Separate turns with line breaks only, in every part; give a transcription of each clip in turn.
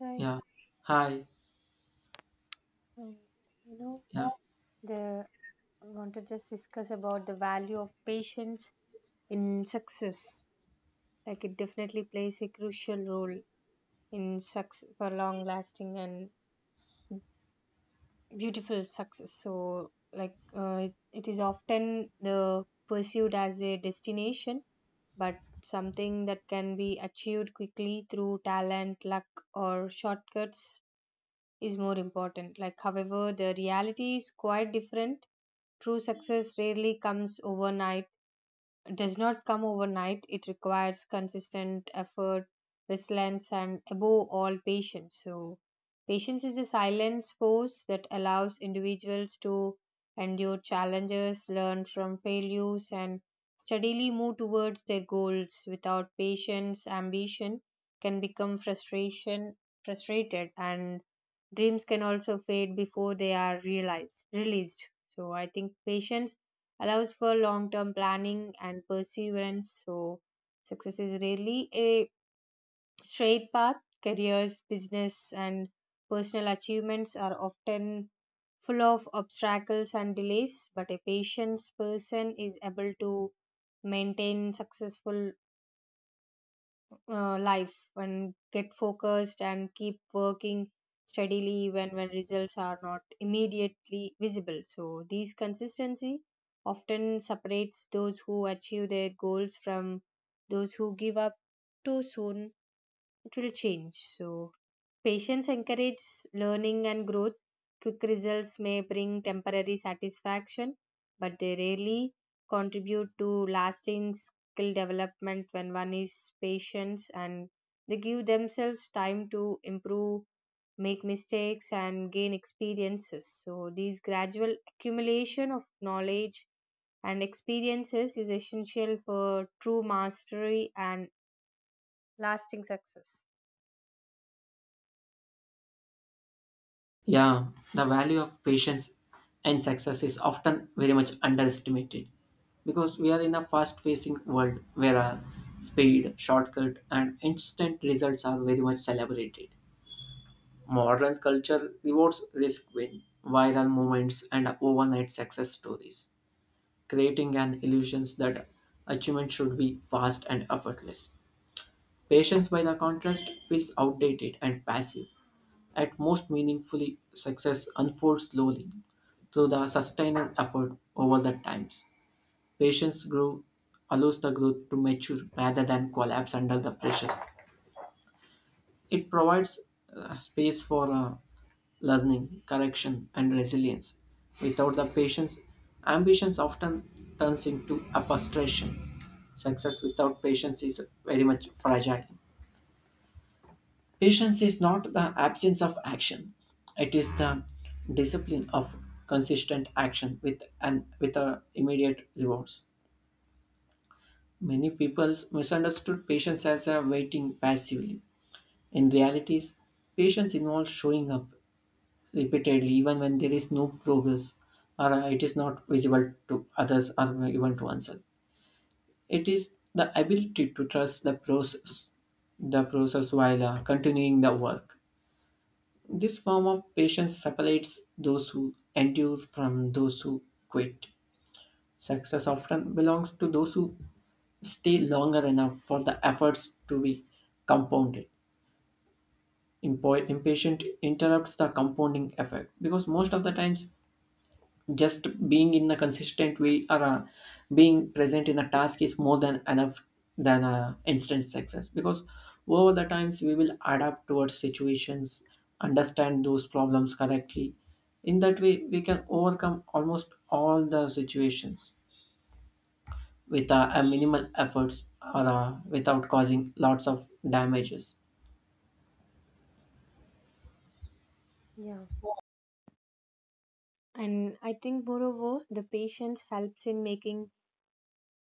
Hi,
Yeah. Hi.
hi. You know,
Yeah.
the I want to just discuss about the value of patience in success. Like, it definitely plays a crucial role in success for long-lasting and beautiful success. So, like it is often the pursued as a destination, but something that can be achieved quickly through talent, luck, or shortcuts is more important. Like, however, the reality is quite different. True success rarely comes overnight does not come overnight. It requires consistent effort, resilience, and above all, patience. So, patience is a silent force that allows individuals to endure challenges, learn from failures, and steadily move towards their goals. Without patience, ambition can become frustrated, and dreams can also fade before they are released. So, I think patience allows for long term planning and perseverance. So, success is rarely a straight path. Careers, business, and personal achievements are often full of obstacles and delays, but a patient person is able to maintain successful life and get focused and keep working steadily even when results are not immediately visible. So, these consistency often separates those who achieve their goals from those who give up too soon. It will change. So, patience encourages learning and growth. Quick results may bring temporary satisfaction, but they rarely contribute to lasting skill development when one is patient and they give themselves time to improve, make mistakes, and gain experiences. So, these gradual accumulation of knowledge and experiences is essential for true mastery and lasting success.
Yeah. The value of patience and success is often very much underestimated because we are in a fast facing world where speed, shortcut, and instant results are very much celebrated. Modern culture rewards risk win, viral moments, and overnight success stories, creating an illusion that achievement should be fast and effortless. Patience, by the contrast, feels outdated and passive. At most meaningfully, success unfolds slowly through the sustained effort over the times. Patience grow allows the growth to mature rather than collapse under the pressure. It provides space for learning, correction, and resilience. Without the patience, ambitions often turns into a frustration. Success without patience is very much fragile. Patience is not the absence of action; it is the discipline of consistent action with an with a immediate rewards. Many people misunderstood patience as a waiting passively. In realities, patience involves showing up repeatedly even when there is no progress or it is not visible to others or even to oneself. It is the ability to trust the process while continuing the work. This form of patience separates those who endure from those who quit. Success often belongs to those who stay longer enough for the efforts to be compounded. Impatient interrupts the compounding effect because most of the times just being in a consistent way or being present in the task is more than enough than instant success, because over the times we will adapt towards situations, understand those problems correctly. In that way we can overcome almost all the situations with a minimal efforts or without causing lots of damages.
Yeah, and I think moreover the patience helps in making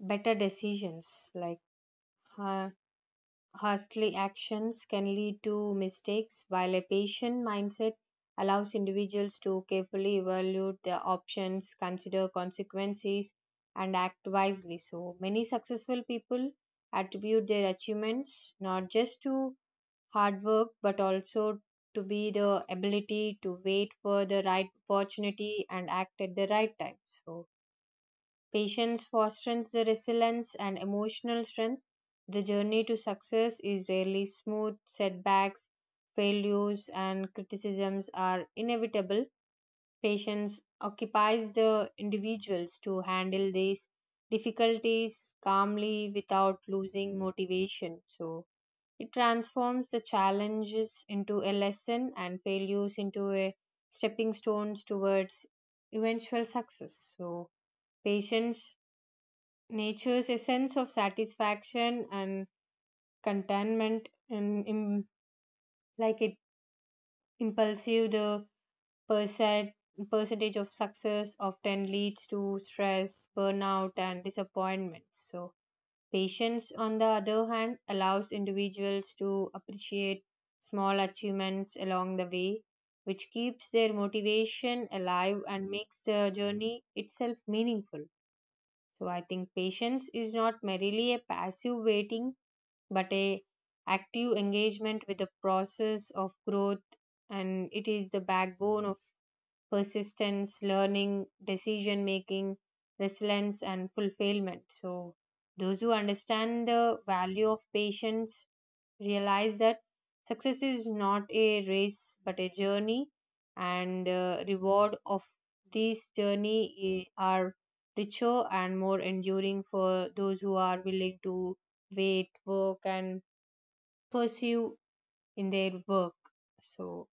better decisions. Like, ha- hastily actions can lead to mistakes while a patient mindset allows individuals to carefully evaluate their options, consider consequences, and act wisely. So, many successful people attribute their achievements not just to hard work but also to be the ability to wait for the right opportunity and act at the right time. So, patience fosters the resilience and emotional strength. The journey to success is rarely smooth. Setbacks, failures, and criticisms are inevitable. Patience occupies the individuals to handle these difficulties calmly without losing motivation. So, it transforms the challenges into a lesson and failures into a stepping stones towards eventual success. So, patience nature's essence of satisfaction and contentment and in, like it impulsive the percent percentage of success often leads to stress, burnout, and disappointment. So, patience on the other hand allows individuals to appreciate small achievements along the way, which keeps their motivation alive and makes the journey itself meaningful. So, I think patience is not merely a passive waiting but a active engagement with the process of growth, and it is the backbone of persistence, learning, decision making, resilience, and fulfillment. So, those who understand the value of patience realize that success is not a race but a journey, and the reward of this i- are richer and more enduring for those who are willing to wait, work, and pursue in their work. So,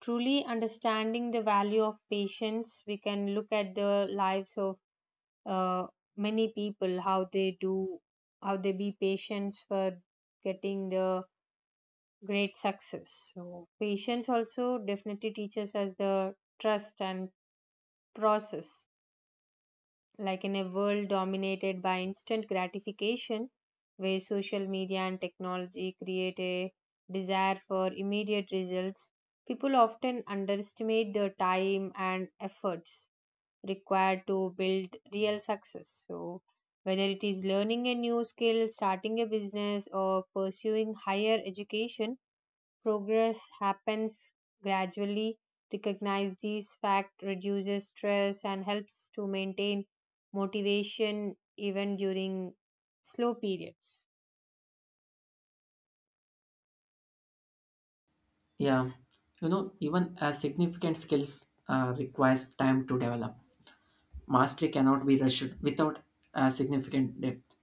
truly understanding the value of patience, we can look at the lives of uh, many people, how they do, how they be patient for getting the great success. So, patience also definitely teaches us the trust and process. Like, in a world dominated by instant gratification, where social media and technology create a desire for immediate results, people often underestimate the time and efforts required to build real success. So, whether it is learning a new skill, starting a business, or pursuing higher education, progress happens gradually. Recognize these facts reduces stress and helps to maintain motivation even during slow periods.
Yeah, you know, even as significant skills requires time to develop. Mastery cannot be rushed without a significant depth.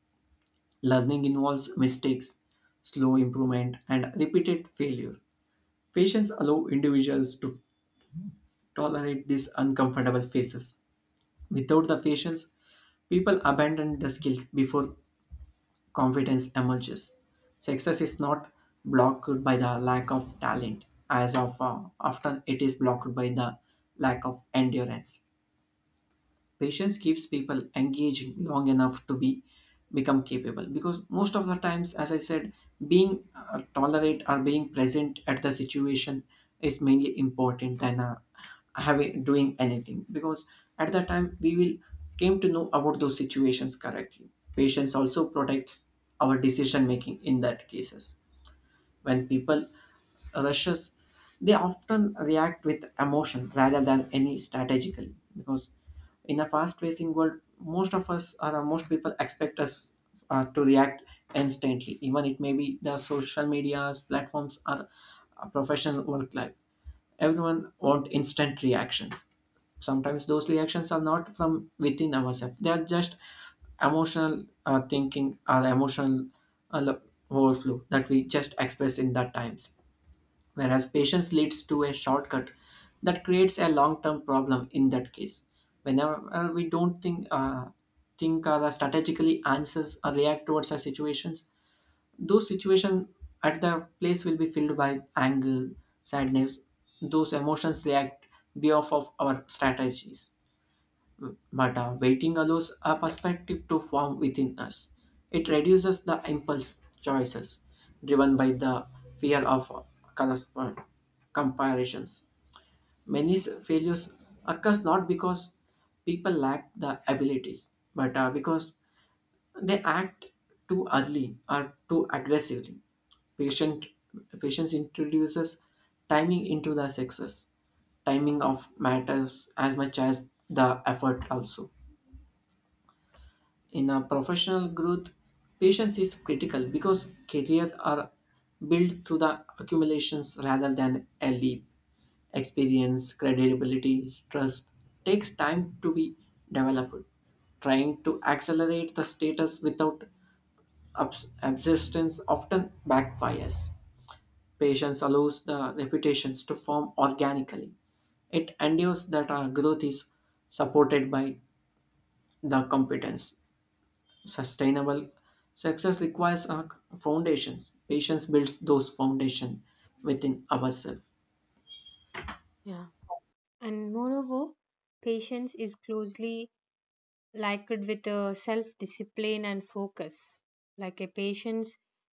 Learning involves mistakes, slow improvement, and repeated failure. Patience allow individuals to tolerate these uncomfortable phases. Without the patience, people abandon the skill before confidence emerges. Success is not blocked by the lack of talent, as of often it is blocked by the lack of endurance. Patience keeps people engaged long enough to be become capable, because most of the times, as I said, being tolerate or being present at the situation is mainly important than having doing anything, because at that time we will came to know about those situations correctly. Patience also protects our decision making in that cases. When people rushes, they often react with emotion rather than any strategically. Because in a fast-paced world, most of us or most people expect us to react instantly, even it may be the social medias, platforms, or a professional work life. Everyone want instant reactions. Sometimes those reactions are not from within ourselves; they are just emotional thinking or emotional uh, lo- overflow that we just express in that times, whereas patience leads to a shortcut that creates a long-term problem in that case. Whenever we don't think strategically answers or react towards our situations, those situations at the place will be filled by anger, sadness. Those emotions react behalf of our strategies, but waiting allows a perspective to form within us. It reduces the impulse choices driven by the fear of correspond- comparisons. Many failures occurs not because people lack the abilities, but because they act too early or too aggressively. Patient, patience introduces timing into the success. Timing of matters as much as the effort also. In a professional growth, patience is critical because careers are built through the accumulations rather than a leap. Experience, credibility, trust takes time to be developed. Trying to accelerate the status without existence often backfires. Patience allows the reputations to form organically. It endures that our growth is supported by the competence. Sustainable success requires foundations. Patience builds those foundation within ourselves.
Yeah. And moreover, patience is closely likened with a self discipline and focus. Like, a patient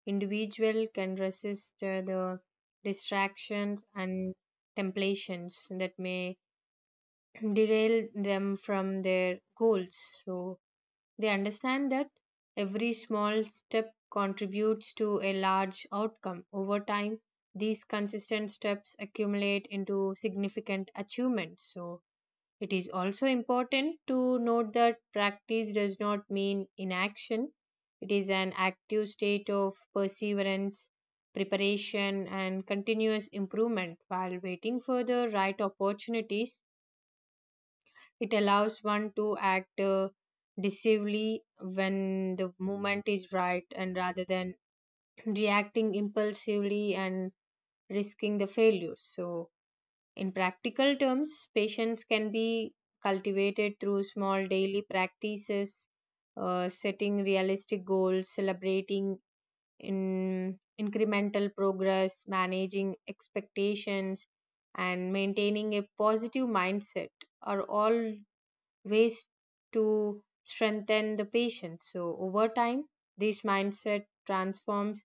individual can resist the distractions and temptations that may derail them from their goals. So, they understand that every small step contributes to a large outcome. Over time, these consistent steps accumulate into significant achievements. So, it is also important to note that practice does not mean inaction. It is an active state of perseverance, preparation, and continuous improvement while waiting for the right opportunities. It allows one to act decisively when the moment is right and rather than reacting impulsively and risking the failures. So, in practical terms, patience can be cultivated through small daily practices, setting realistic goals, celebrating in incremental progress, managing expectations, and maintaining a positive mindset are all ways to strengthen the patient. So, over time, this mindset transforms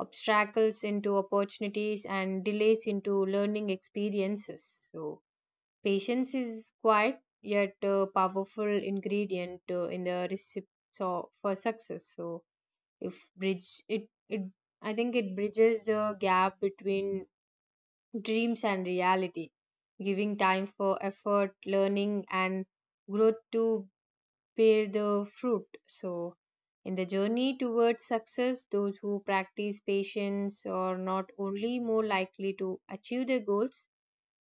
obstacles into opportunities and delays into learning experiences. So, patience is quite yet a powerful ingredient in the recipe so, for success. So, if bridge it, it I think it bridges the gap between dreams and reality, giving time for effort, learning, and growth to bear the fruit. So, in the journey towards success, those who practice patience are not only more likely to achieve their goals,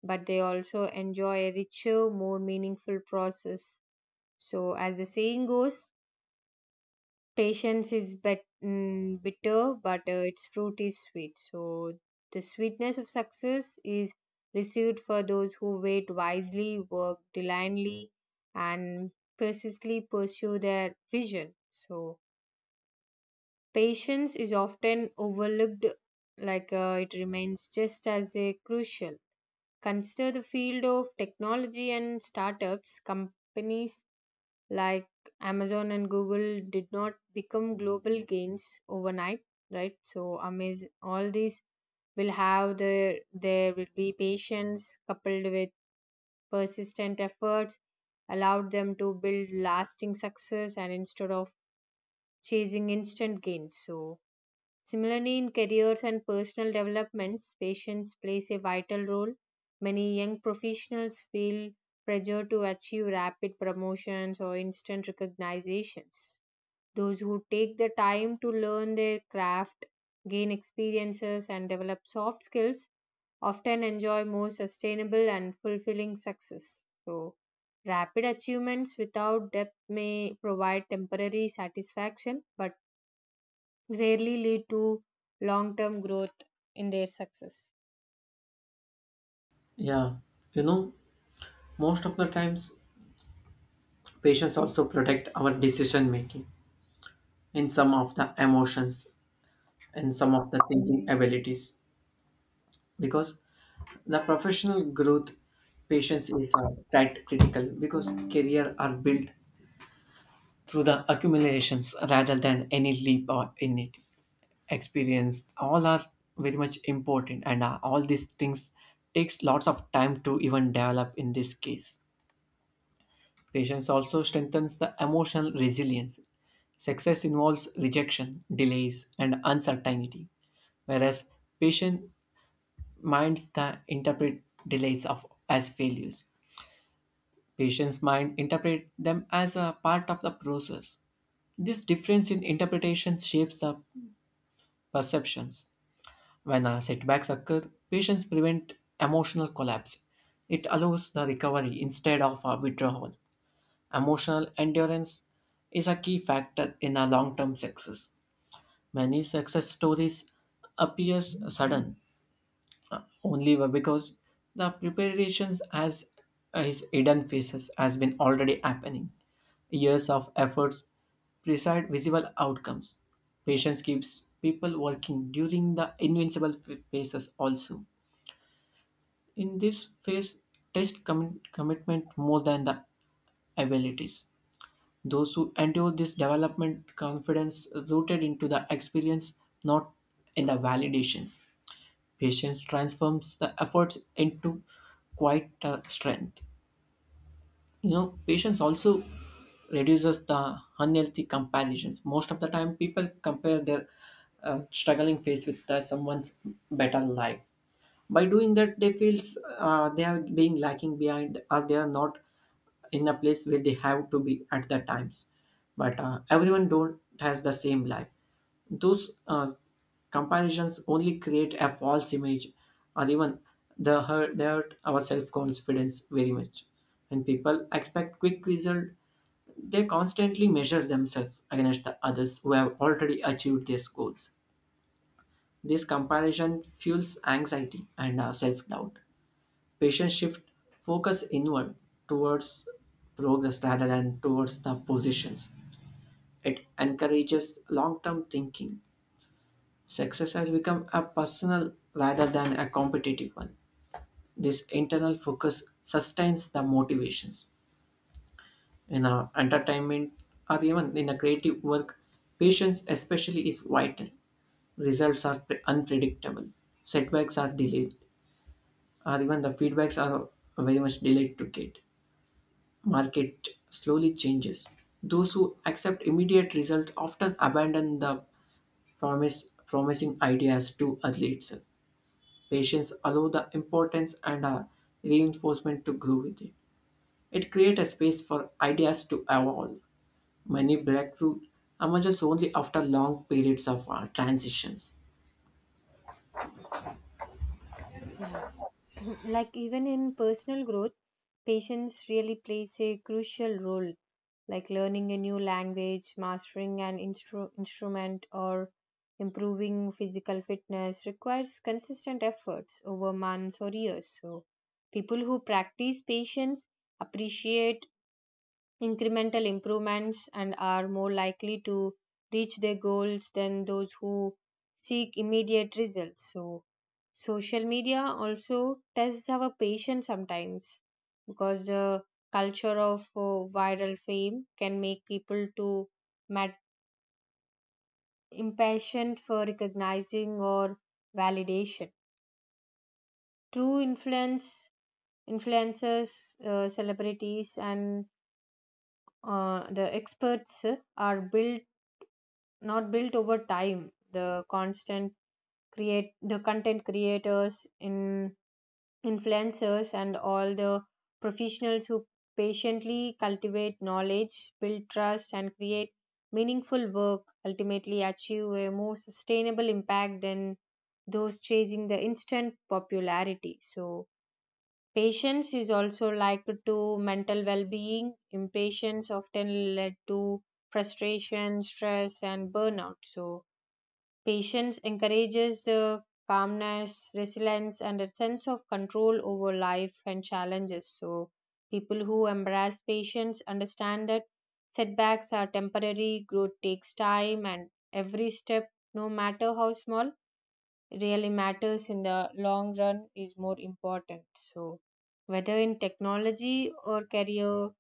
but they also enjoy a richer, more meaningful process. So, as the saying goes, patience is bitter, but its fruit is sweet. So, the sweetness of success is received for those who wait wisely, work diligently, and persistently pursue their vision. So, patience is often overlooked, like it remains just as a crucial. Consider the field of technology and startups. Companies like Amazon and Google did not become global gains overnight, right? So amaz all these will have their there will be patience coupled with persistent efforts allowed them to build lasting success and instead of chasing instant gains. So, similarly in careers and personal developments, patience plays a vital role. Many young professionals feel pressure to achieve rapid promotions or instant recognitions. Those who take the time to learn their craft, gain experiences, and develop soft skills often enjoy more sustainable and fulfilling success. So, rapid achievements without depth may provide temporary satisfaction but rarely lead to long term growth in their success.
Yeah, you know, most of the times patients also protect our decision making in some of the emotions and some of the thinking abilities, because the professional growth patience is quite critical because career are built through the accumulations rather than any leap or in it. Experience all are very much important, and all these things takes lots of time to even develop. In this case patience also strengthens the emotional resilience. Success involves rejection, delays, and uncertainty, whereas patient minds that interpret delays of as failures, patients mind interpret them as a part of the process. This difference in interpretation shapes the perceptions. When setbacks occur, patients prevent emotional collapse. It allows the recovery instead of a withdrawal. Emotional endurance is a key factor in a long-term success. Many success stories appears sudden only because the preparations as is hidden phases has been already happening. Years of efforts precise visible outcomes. Patience keeps people working during the invincible phases also. In this phase, test commitment more than the abilities. Those who endure this development confidence rooted into the experience, not in the validations. Patience transforms the efforts into quite a strength. You know, patience also reduces the unhealthy comparisons. Most of the time people compare their struggling phase with someone's better life. By doing that they feels they are being lacking behind, or they are not in a place where they have to be at the times. But everyone don't has the same life. Those Comparisons only create a false image, or even they hurt our self-confidence very much. When people expect quick result, they constantly measure themselves against the others who have already achieved their goals. This comparison fuels anxiety and self-doubt. Patients shift focus inward towards progress rather than towards the positions. It encourages long-term thinking. Success has become a personal rather than a competitive one. This internal focus sustains the motivations. In our entertainment or even in the creative work, patience especially is vital. Results are unpredictable, setbacks are delayed, or even the feedbacks are very much delayed to get. Market slowly changes. Those who accept immediate result often abandon the promise promising ideas too early itself. Patients allow the importance and reinforcement to grow with it. It creates a space for ideas to evolve. Many breakthroughs emerges only after long periods of transitions.
Yeah. Like, even in personal growth patience really plays a crucial role, like learning a new language, mastering an instrument, or improving physical fitness requires consistent efforts over months or years. So, people who practice patience appreciate incremental improvements and are more likely to reach their goals than those who seek immediate results. So, social media also tests our patience sometimes because the culture of viral fame can make people to mad- impatient for recognizing or validation. True influence influencers, celebrities, and the experts are built not built over time. The constant create the content creators in influencers and all the professionals who patiently cultivate knowledge, build trust, and create meaningful work ultimately achieve a more sustainable impact than those chasing the instant popularity. So, patience is also likened to mental well-being. Impatience often led to frustration, stress, and burnout. So, patience encourages calmness, resilience, and a sense of control over life and challenges. So, people who embrace patience understand that setbacks are temporary, growth takes time, and every step, no matter how small, really matters in the long run is more important. So, whether in technology or career,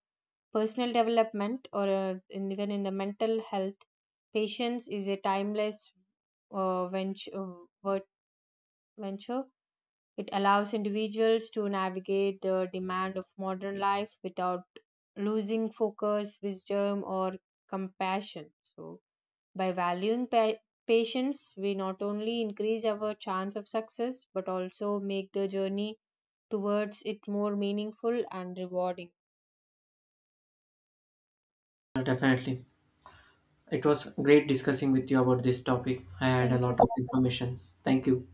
personal development or even in the mental health, patience is a timeless uh, venture, venture. It allows individuals to navigate the demand of modern life without losing focus, wisdom, or compassion. So, by valuing patience, we not only increase our chance of success but also make the journey towards it more meaningful and rewarding.
Definitely. It was great discussing with you about this topic. I had a
Thank
lot
you.
of information. Thank you.